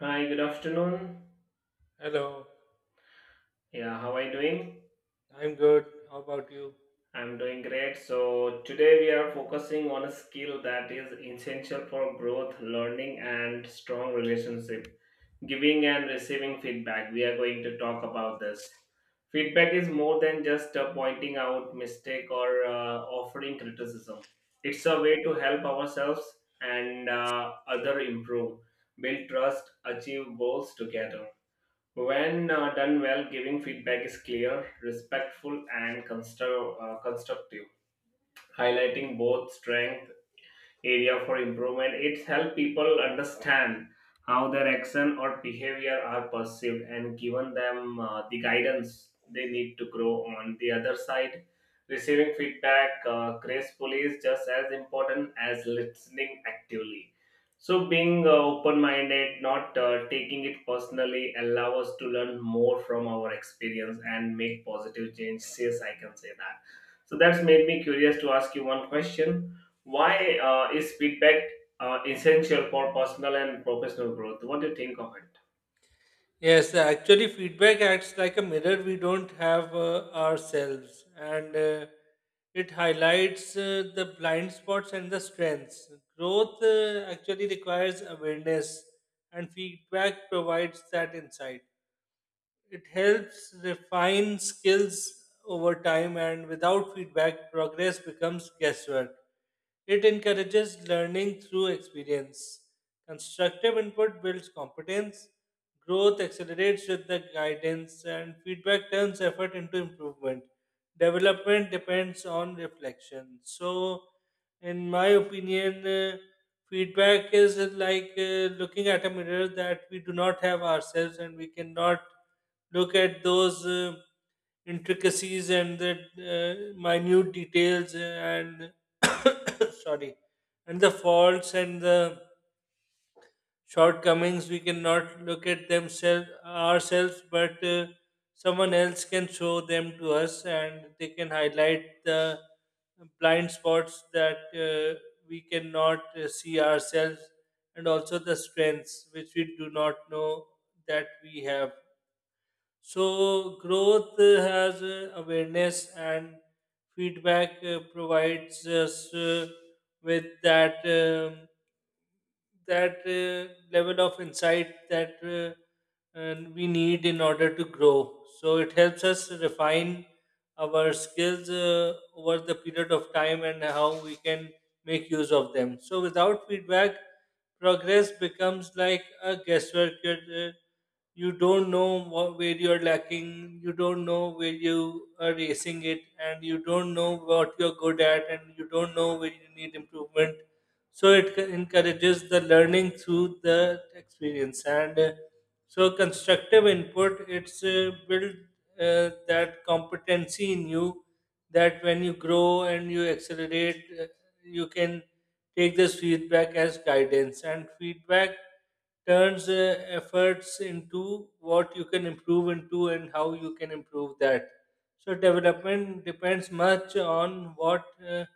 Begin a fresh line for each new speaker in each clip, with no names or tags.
Hi, good afternoon.
Hello,
Yeah, how are you doing?
I'm good. How about you?
I'm doing great. So today we are focusing on a skill that is essential for growth, learning, and strong relationship. Giving and receiving feedback. We are going to talk about this. Feedback is more than just pointing out mistake or offering criticism. It's a way to help ourselves and other improve, build trust, achieve goals together. When done well, giving feedback is clear, respectful, and constructive, highlighting both strengths area for improvement. It helps people understand how their action or behavior are perceived and given them the guidance they need to grow on the other side. Receiving feedback gracefully is just as important as listening actively. So, being open minded, not taking it personally, allow us to learn more from our experience and make positive changes. Yes, I can say that. So that's made me curious to ask you one question, why is feedback essential for personal and professional growth? What do you think of it?
Yes, actually, feedback acts like a mirror we don't have ourselves, and it highlights the blind spots and the strengths. Growth actually requires awareness, and feedback provides that insight. It helps refine skills over time, and without feedback, progress becomes guesswork. It encourages learning through experience. Constructive input builds competence. Growth accelerates with the guidance, and feedback turns effort into improvement. Development depends on reflection. So in my opinion, feedback is like looking at a mirror that we do not have ourselves, and we cannot look at those intricacies and the uh, minute details and sorry, and the faults and the shortcomings we cannot look at themselves ourselves, but someone else can show them to us, and they can highlight the blind spots that we cannot see ourselves, and also the strengths which we do not know that we have. So growth has awareness, and feedback provides us with that. That level of insight that and we need in order to grow. So it helps us refine our skills over the period of time and how we can make use of them. So without feedback, progress becomes like a guesswork. You don't know what, where you're lacking, you don't know where you are racing it, and you don't know what you're good at, and you don't know where you need improvement. So encourages the learning through the experience, and so constructive input it's build that competency in you, that when you grow and you accelerate, you can take this feedback as guidance, and feedback turns efforts into what you can improve into and how you can improve that. So development depends much on what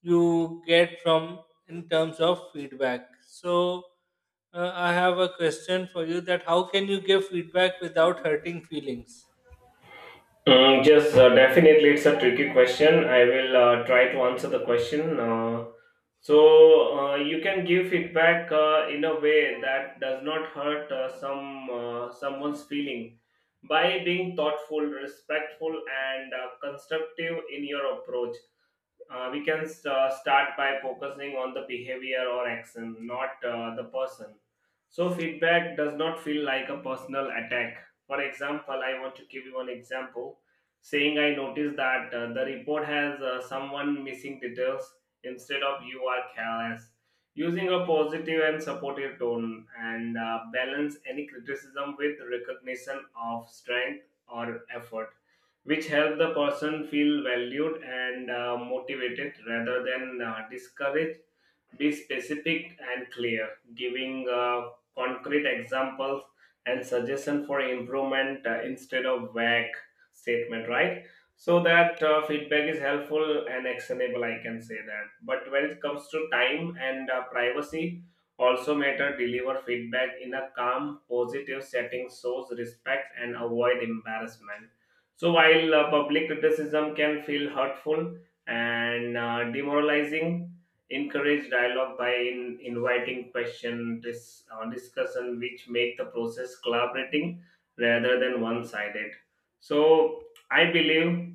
you get from in terms of feedback. So I have a question for you, that how can you give feedback without hurting feelings?
Yes, definitely, it's a tricky question. I will try to answer the question. So, you can give feedback in a way that does not hurt someone's feeling by being thoughtful, respectful, and constructive in your approach. We can start by focusing on the behavior or action, not the person. So feedback does not feel like a personal attack. For example, I want to give you an example, saying, I noticed that the report has someone missing details, instead of you are careless. Using a positive and supportive tone and balance any criticism with recognition of strength or effort, which help the person feel valued and motivated rather than discouraged. Be specific and clear, giving concrete examples and suggestion for improvement instead of vague statement, right? So that feedback is helpful and actionable, I can say that. But when it comes to time and privacy, also matter, deliver feedback in a calm, positive setting, shows respect and avoid embarrassment. So while public criticism can feel hurtful and demoralizing, encourage dialogue by inviting question discussion, which make the process collaborating rather than one-sided. So I believe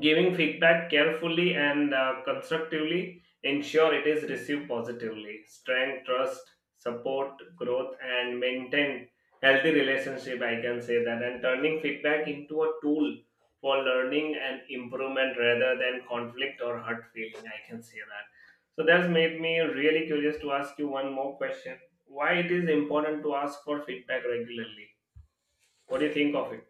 giving feedback carefully and constructively ensure it is received positively. Strength, trust, support, growth, and maintain healthy relationship. I can say that. And turning feedback into a tool for learning and improvement rather than conflict or hurt feeling. I can say that. So that's made me really curious to ask you one more question. Why it is important to ask for feedback regularly? What do you think of it?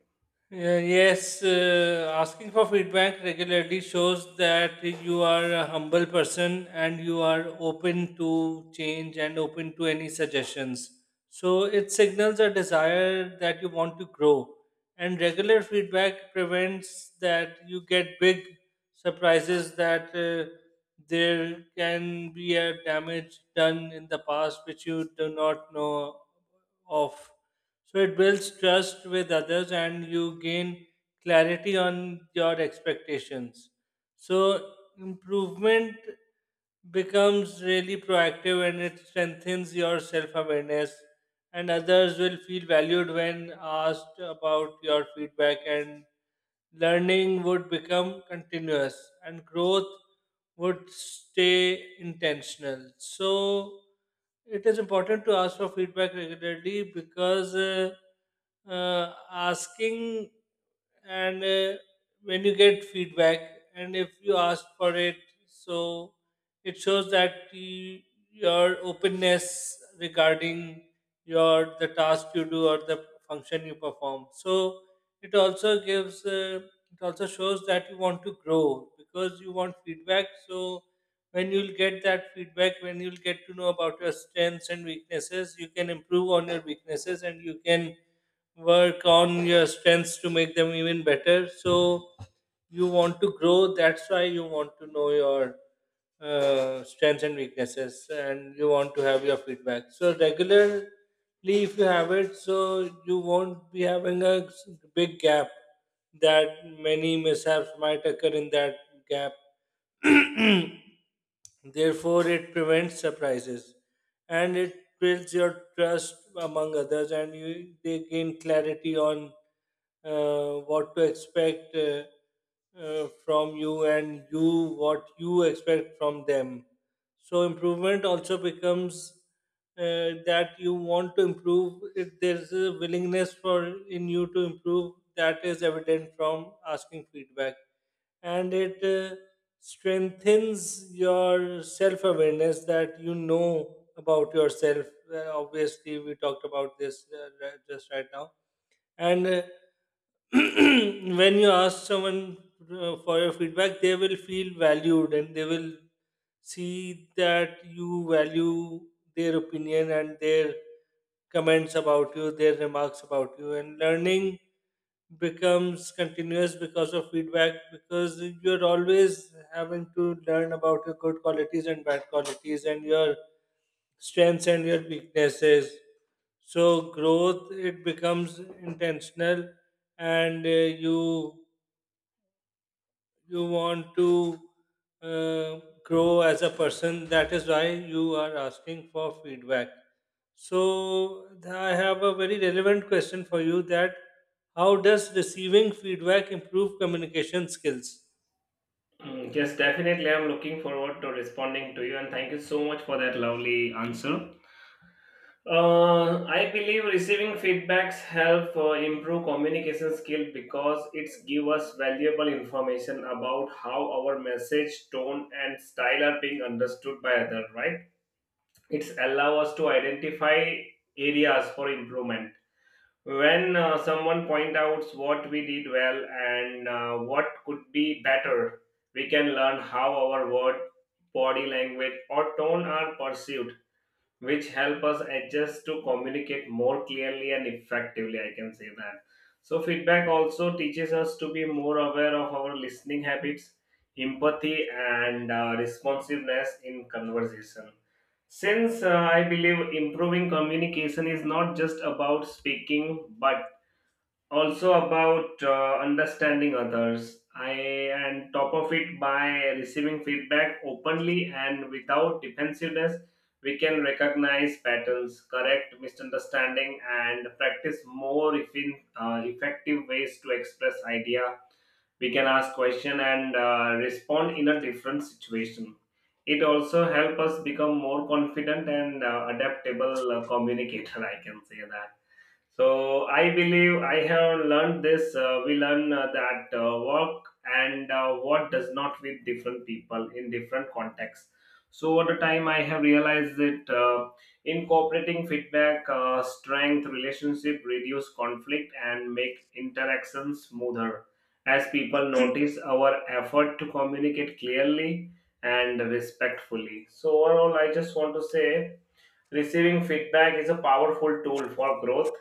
Yes, asking for feedback regularly shows that you are a humble person and you are open to change and open to any suggestions. So it signals a desire that you want to grow. And regular feedback prevents that you get big surprises, that there can be a damage done in the past which you do not know of. So it builds trust with others, and you gain clarity on your expectations. So improvement becomes really proactive, and it strengthens your self awareness, and others will feel valued when asked about your feedback, and learning would become continuous and growth would stay intentional. So it is important to ask for feedback regularly, because asking and when you get feedback, and if you ask for it, so it shows that you, your openness regarding your the task you do or the function you perform. So it also gives it also shows that you want to grow because you want feedback. So when you'll get that feedback, when you'll get to know about your strengths and weaknesses, you can improve on your weaknesses and you can work on your strengths to make them even better. So you want to grow. That's why you want to know your strengths and weaknesses, and you want to have your feedback. So regularly, if you have it, so you won't be having a big gap that many mishaps might occur in that gap. Therefore, it prevents surprises, and it builds your trust among others, and you they gain clarity on what to expect from you, and you what you expect from them. So, improvement also becomes that you want to improve. If there's a willingness for in you to improve, that is evident from asking feedback, and it strengthens your self awareness, that you know about yourself. Obviously, we talked about this just right now, and when you ask someone for your feedback, they will feel valued, and they will see that you value their opinion and their comments about you, their remarks about you, and learning becomes continuous because of feedback, because you're always having to learn about your good qualities and bad qualities and your strengths and your weaknesses. So growth, it becomes intentional, and you you want to uh, grow as a person. That is why you are asking for feedback. So I have a very relevant question for you, that how does receiving feedback improve communication skills?
Yes, definitely. I'm looking forward to responding to you, and thank you so much for that lovely answer. I believe receiving feedbacks help improve communication skill because it's give us valuable information about how our message, tone, and style are being understood by other. Right? It's allow us to identify areas for improvement. When someone point out what we did well and what could be better, we can learn how our word, body language or tone are perceived, which help us adjust to communicate more clearly and effectively, I can say that. So feedback also teaches us to be more aware of our listening habits, empathy and responsiveness in conversation, since I believe improving communication is not just about speaking, but also about understanding others. I and top of it, by receiving feedback openly and without defensiveness, we can recognize patterns, correct misunderstanding, and practice more effective ways to express idea. We can ask question and respond in a different situation. It also help us become more confident and adaptable communicator. I can say that. So I believe I have learned this. We learn that work and what does not with different people in different contexts. So over the time, I have realized that incorporating feedback, strength, relationship, reduce conflict, and make interactions smoother, as people notice our effort to communicate clearly and respectfully. So overall, I just want to say, receiving feedback is a powerful tool for growth,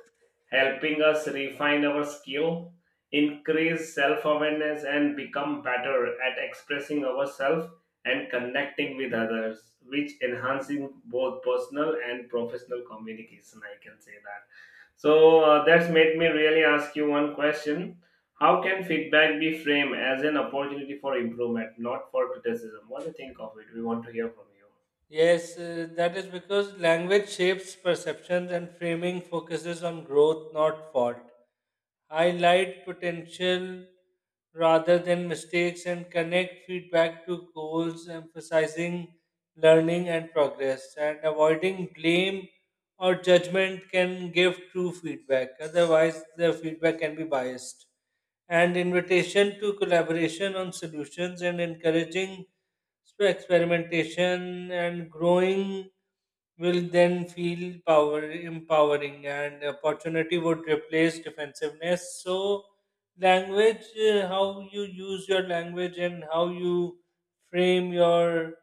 helping us refine our skill, increase self awareness, and become better at expressing ourselves and connecting with others, which enhancing both personal and professional communication. I can say that. So that's made me really ask you one question. How can feedback be framed as an opportunity for improvement, not for criticism? What do you think of it? We want to hear from you.
Yes, that is because language shapes perceptions, and framing focuses on growth, not fault. Highlight potential rather than mistakes, and connect feedback to goals, emphasizing learning and progress. And avoiding blame or judgment can give true feedback, otherwise, the feedback can be biased. And invitation to collaboration on solutions and encouraging so experimentation and growing will then feel power empowering, and opportunity would replace defensiveness. So language, how you use your language and how you frame your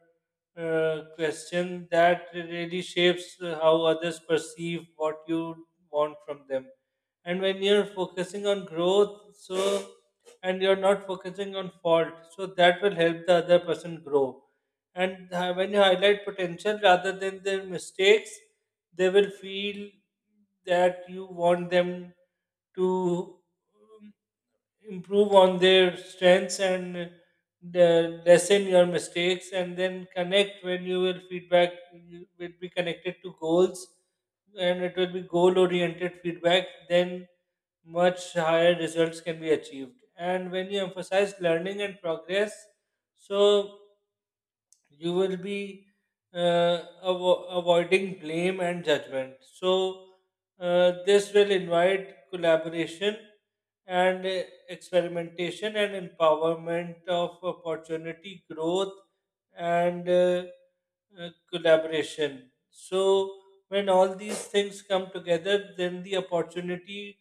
question, that really shapes how others perceive what you want from them. And when you're focusing on growth, so and you're not focusing on fault, so that will help the other person grow. And when you highlight potential rather than their mistakes, they will feel that you want them to um, improve on their strengths and the lessen your mistakes, and then connect when you will feedback, you will be connected to goals, and it will be goal oriented feedback. Then much higher results can be achieved, and when you emphasize learning and progress, so you will be avoiding blame and judgment. So, this will invite collaboration and experimentation and empowerment of opportunity, growth, and collaboration. So, when all these things come together, then the opportunity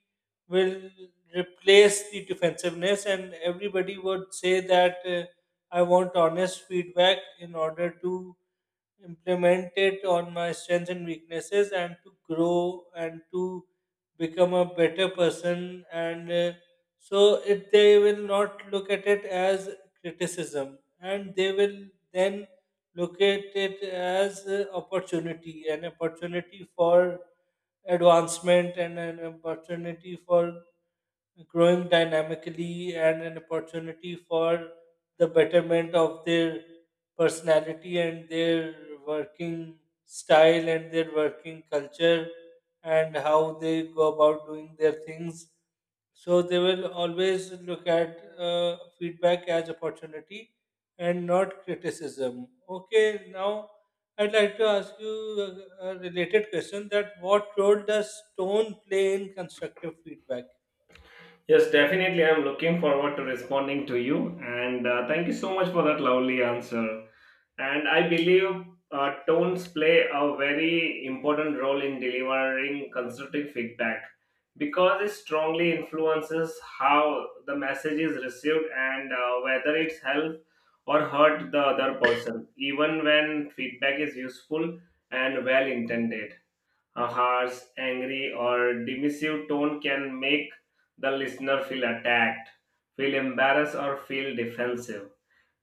will replace the defensiveness, and everybody would say that. I want honest feedback in order to implement it on my strengths and weaknesses, and to grow and to become a better person. And so it, they will not look at it as criticism, and they will then look at it as opportunity, an opportunity for advancement, and an opportunity for growing dynamically, and an opportunity for the betterment of their personality and their working style and their working culture and how they go about doing their things. So they will always look at feedback as opportunity and not criticism. Okay, now I'd like to ask you a a related question, that what role does tone play in constructive feedback?
Yes, definitely. I'm looking forward to responding to you. And thank you so much for that lovely answer. And I believe tones play a very important role in delivering constructive feedback because it strongly influences how the message is received and whether it's help or hurt the other person, even when feedback is useful and well intended. A harsh, angry, or dismissive tone can make the listener feel attacked, feel embarrassed, or feel defensive,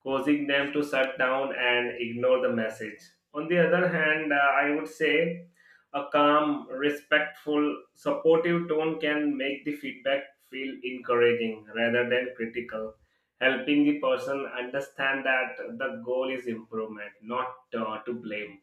causing them to shut down and ignore the message. On the other hand, I would say a calm, respectful, supportive tone can make the feedback feel encouraging rather than critical, helping the person understand that the goal is improvement, not to blame.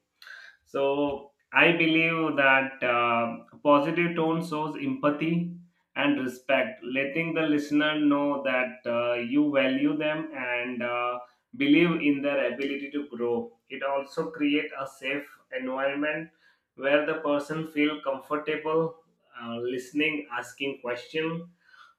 So I believe that positive tone shows empathy and respect, letting the listener know that you value them and believe in their ability to grow. It also creates a safe environment where the person feel comfortable listening, asking questions,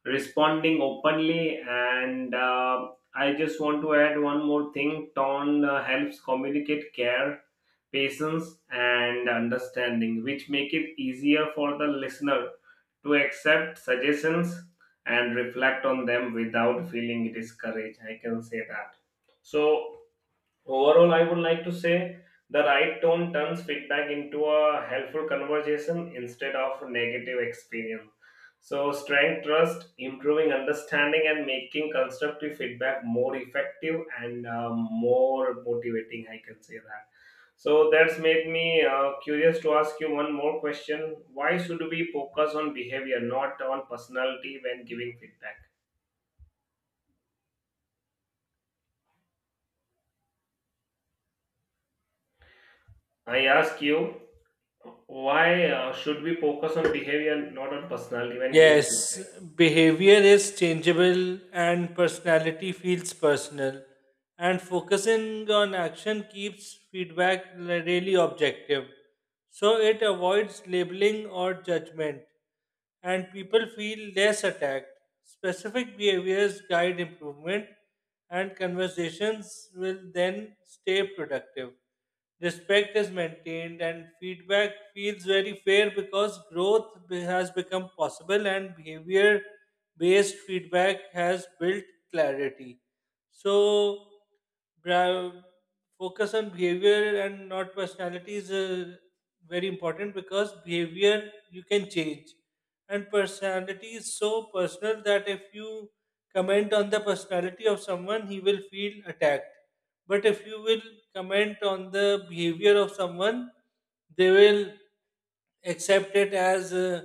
responding openly, and I just want to add one more thing. Tone helps communicate care, patience and understanding, which make it easier for the listener to accept suggestions and reflect on them without feeling discouraged. I can say that. So overall, I would like to say the right tone turns feedback into a helpful conversation instead of a negative experience. So, strength, trust, improving understanding, and making constructive feedback more effective and more motivating. I can say that. So that's made me curious to ask you one more question. Why should we focus on behavior, not on personality, when giving feedback? I ask you, why should we focus on behavior, not on personality, when giving
Yes,
feedback?
behavior is changeable and personality feels personal. And focusing on action keeps feedback really objective. So it avoids labeling or judgment, and people feel less attacked. Specific behaviors guide improvement, and conversations will then stay productive. Respect is maintained, and feedback feels very fair because growth has become possible, and behavior based feedback has built clarity. So, bra- focus on behavior and not personality is very important, because behavior you can change, and personality is so personal that if you comment on the personality of someone, he will feel attacked. But if you will comment on the behavior of someone, they will accept it as uh,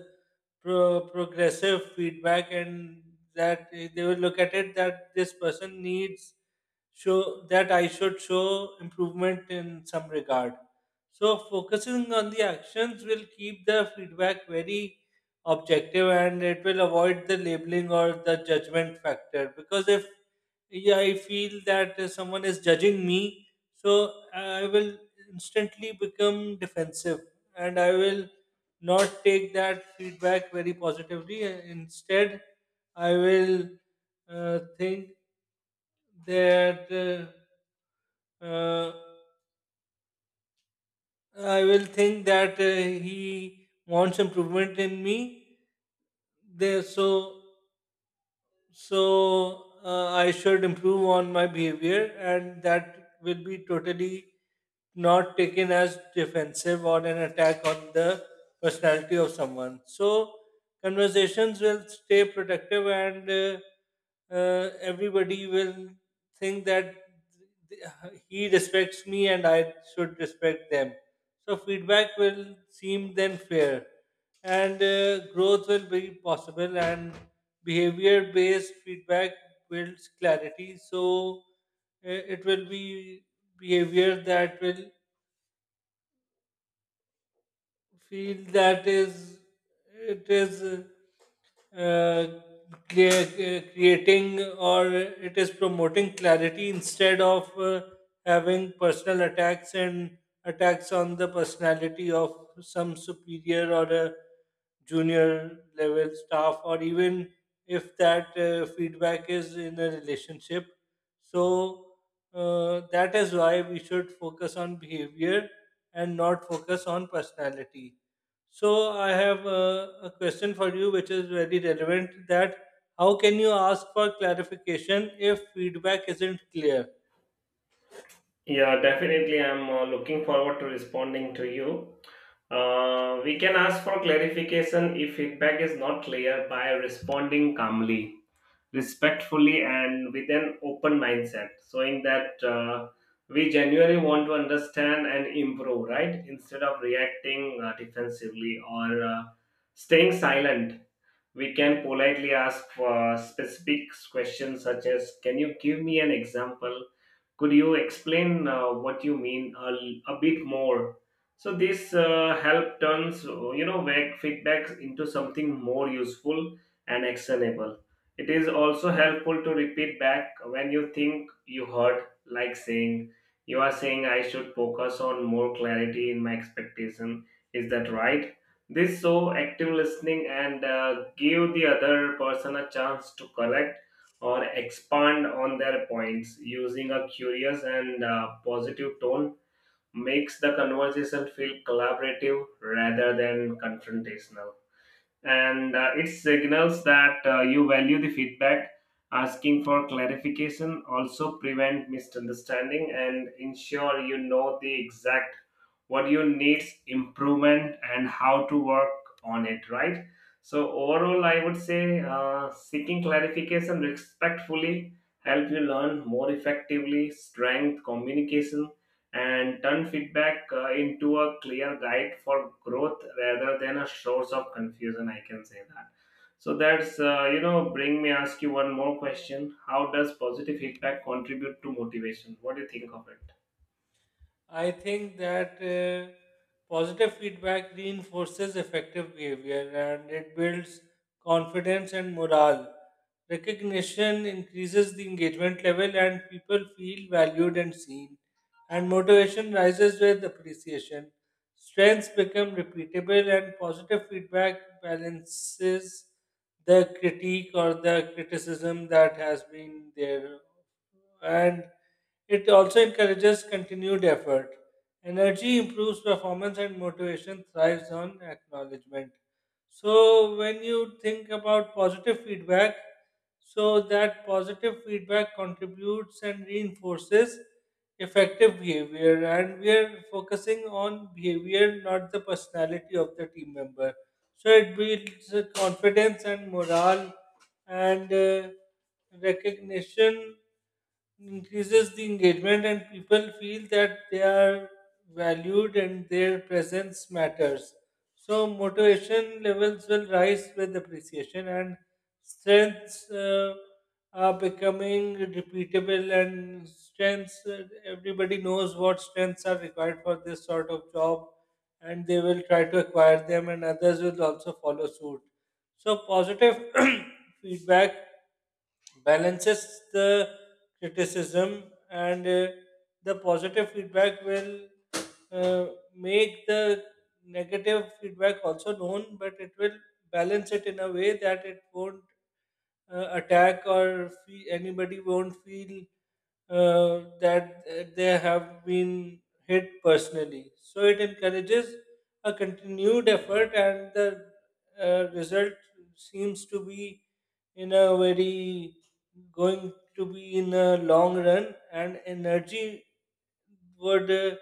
pro- progressive feedback, and that they will look at it that this person needs show that I should show improvement in some regard. So focusing on the actions will keep the feedback very objective, and it will avoid the labeling or the judgment factor. Because if yeah, I feel that someone is judging me, so I will instantly become defensive, and I will not take that feedback very positively. Instead, I will think that uh, uh, I will think that he wants improvement in me. There, so so I should improve on my behavior, and that will be totally not taken as defensive or an attack on the personality of someone. So conversations will stay productive, and everybody will think that th- he respects me and I should respect them. So feedback will seem then fair, and growth will be possible. And behavior-based feedback builds clarity. So it will be behavior that will field, that is it is uh, creating, or it is promoting clarity instead of having personal attacks and attacks on the personality of some superior or a junior level staff, or even if that feedback is in a relationship. So that is why we should focus on behavior and not focus on personality. So I have a question for you which is very relevant, that how can you ask for clarification if feedback isn't clear?
Yeah, definitely. I'm looking forward to responding to you. We can ask for clarification if feedback is not clear by responding calmly, respectfully, and with an open mindset, showing that we genuinely want to understand and improve, right? Instead of reacting defensively or staying silent. We can politely ask for specific questions such as, can you give me an example? Could you explain what you mean a bit more? So this help turns you know back feedbacks into something more useful and actionable. It is also helpful to repeat back when you think you heard, like saying, "You are saying I should focus on more clarity in my expectation. Is that right?" This so active listening and give the other person a chance to correct or expand on their points. Using a curious and positive tone makes the conversation feel collaborative rather than confrontational, and it signals that you value the feedback. Asking for clarification also prevent misunderstanding and ensure you know the exact what you needs improvement and how to work on it, right? So overall I would say seeking clarification respectfully help you learn more effectively, strength communication, and turn feedback into a clear guide for growth rather than a source of confusion. I can say that. So that's you know bring me ask you one more question. How does positive feedback contribute to motivation? What do you think of it?
I think that positive feedback reinforces effective behavior, and it builds confidence and morale. Recognition increases the engagement level, and people feel valued and seen, and motivation rises with appreciation. Strengths become repeatable, and positive feedback balances the critique or the criticism that has been there. And it also encourages continued effort. Energy improves performance, and motivation thrives on acknowledgement. So, when you think about positive feedback, so that positive feedback contributes and reinforces effective behavior, and we are focusing on behavior, not the personality of the team member. So it builds confidence and morale, and recognition increases the engagement, and people feel that they are valued and their presence matters. So motivation levels will rise with appreciation, and strengths are becoming repeatable. And strengths, everybody knows what strengths are required for this sort of job, and they will try to acquire them, and others will also follow suit. So positive feedback balances the criticism, and the positive feedback will uh, make the negative feedback also known, but it will balance it in a way that it won't attack or anybody won't feel that they have been hit personally. So it encourages a continued effort, and the result seems to be in a very going to be in a long run, and energy would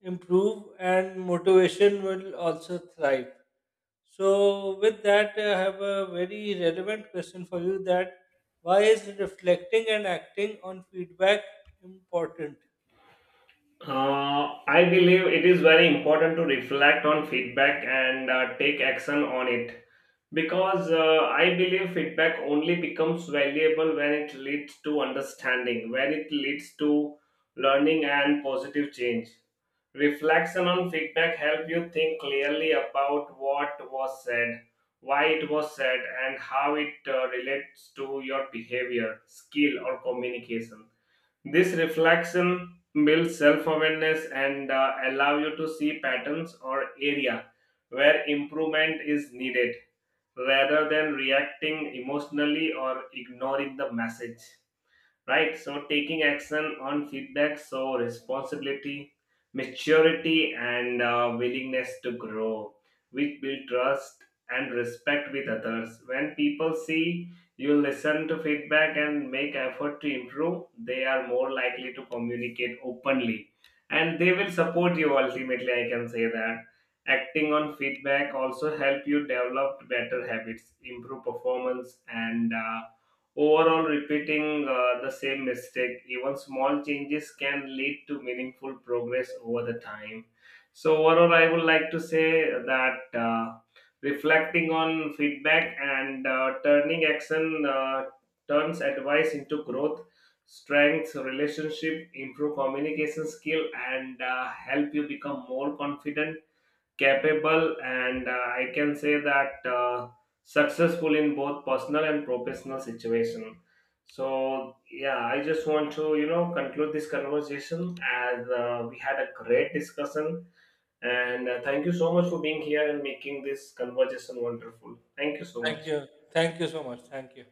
improve, and motivation will also thrive. So with that, I have a very relevant question for you, that why is reflecting and acting on feedback important?
Uh, I believe it is very important to reflect on feedback and take action on it, because I believe feedback only becomes valuable when it leads to understanding, when it leads to learning and positive change. Reflection on feedback help you think clearly about what was said, why it was said, and how it relates to your behavior, skill, or communication. This reflection builds self-awareness and allow you to see patterns or area where improvement is needed rather than reacting emotionally or ignoring the message, right? So taking action on feedback so responsibility, maturity and willingness to grow, which build trust and respect with others. When people see you listen to feedback and make effort to improve, they are more likely to communicate openly and they will support you ultimately, I can say that. Acting on feedback also help you develop better habits, improve performance, and overall, repeating the same mistake, even small changes can lead to meaningful progress over the time. So overall, I would like to say that reflecting on feedback and turning action turns advice into growth, strengths, relationship, improve communication skill, and help you become more confident, capable, and I can say that successful in both personal and professional situation. So yeah, I just want to you know conclude this conversation as we had a great discussion and thank you so much for being here and making this conversation wonderful. Thank you so
Thank you.
much.
Thank you so much. Thank you.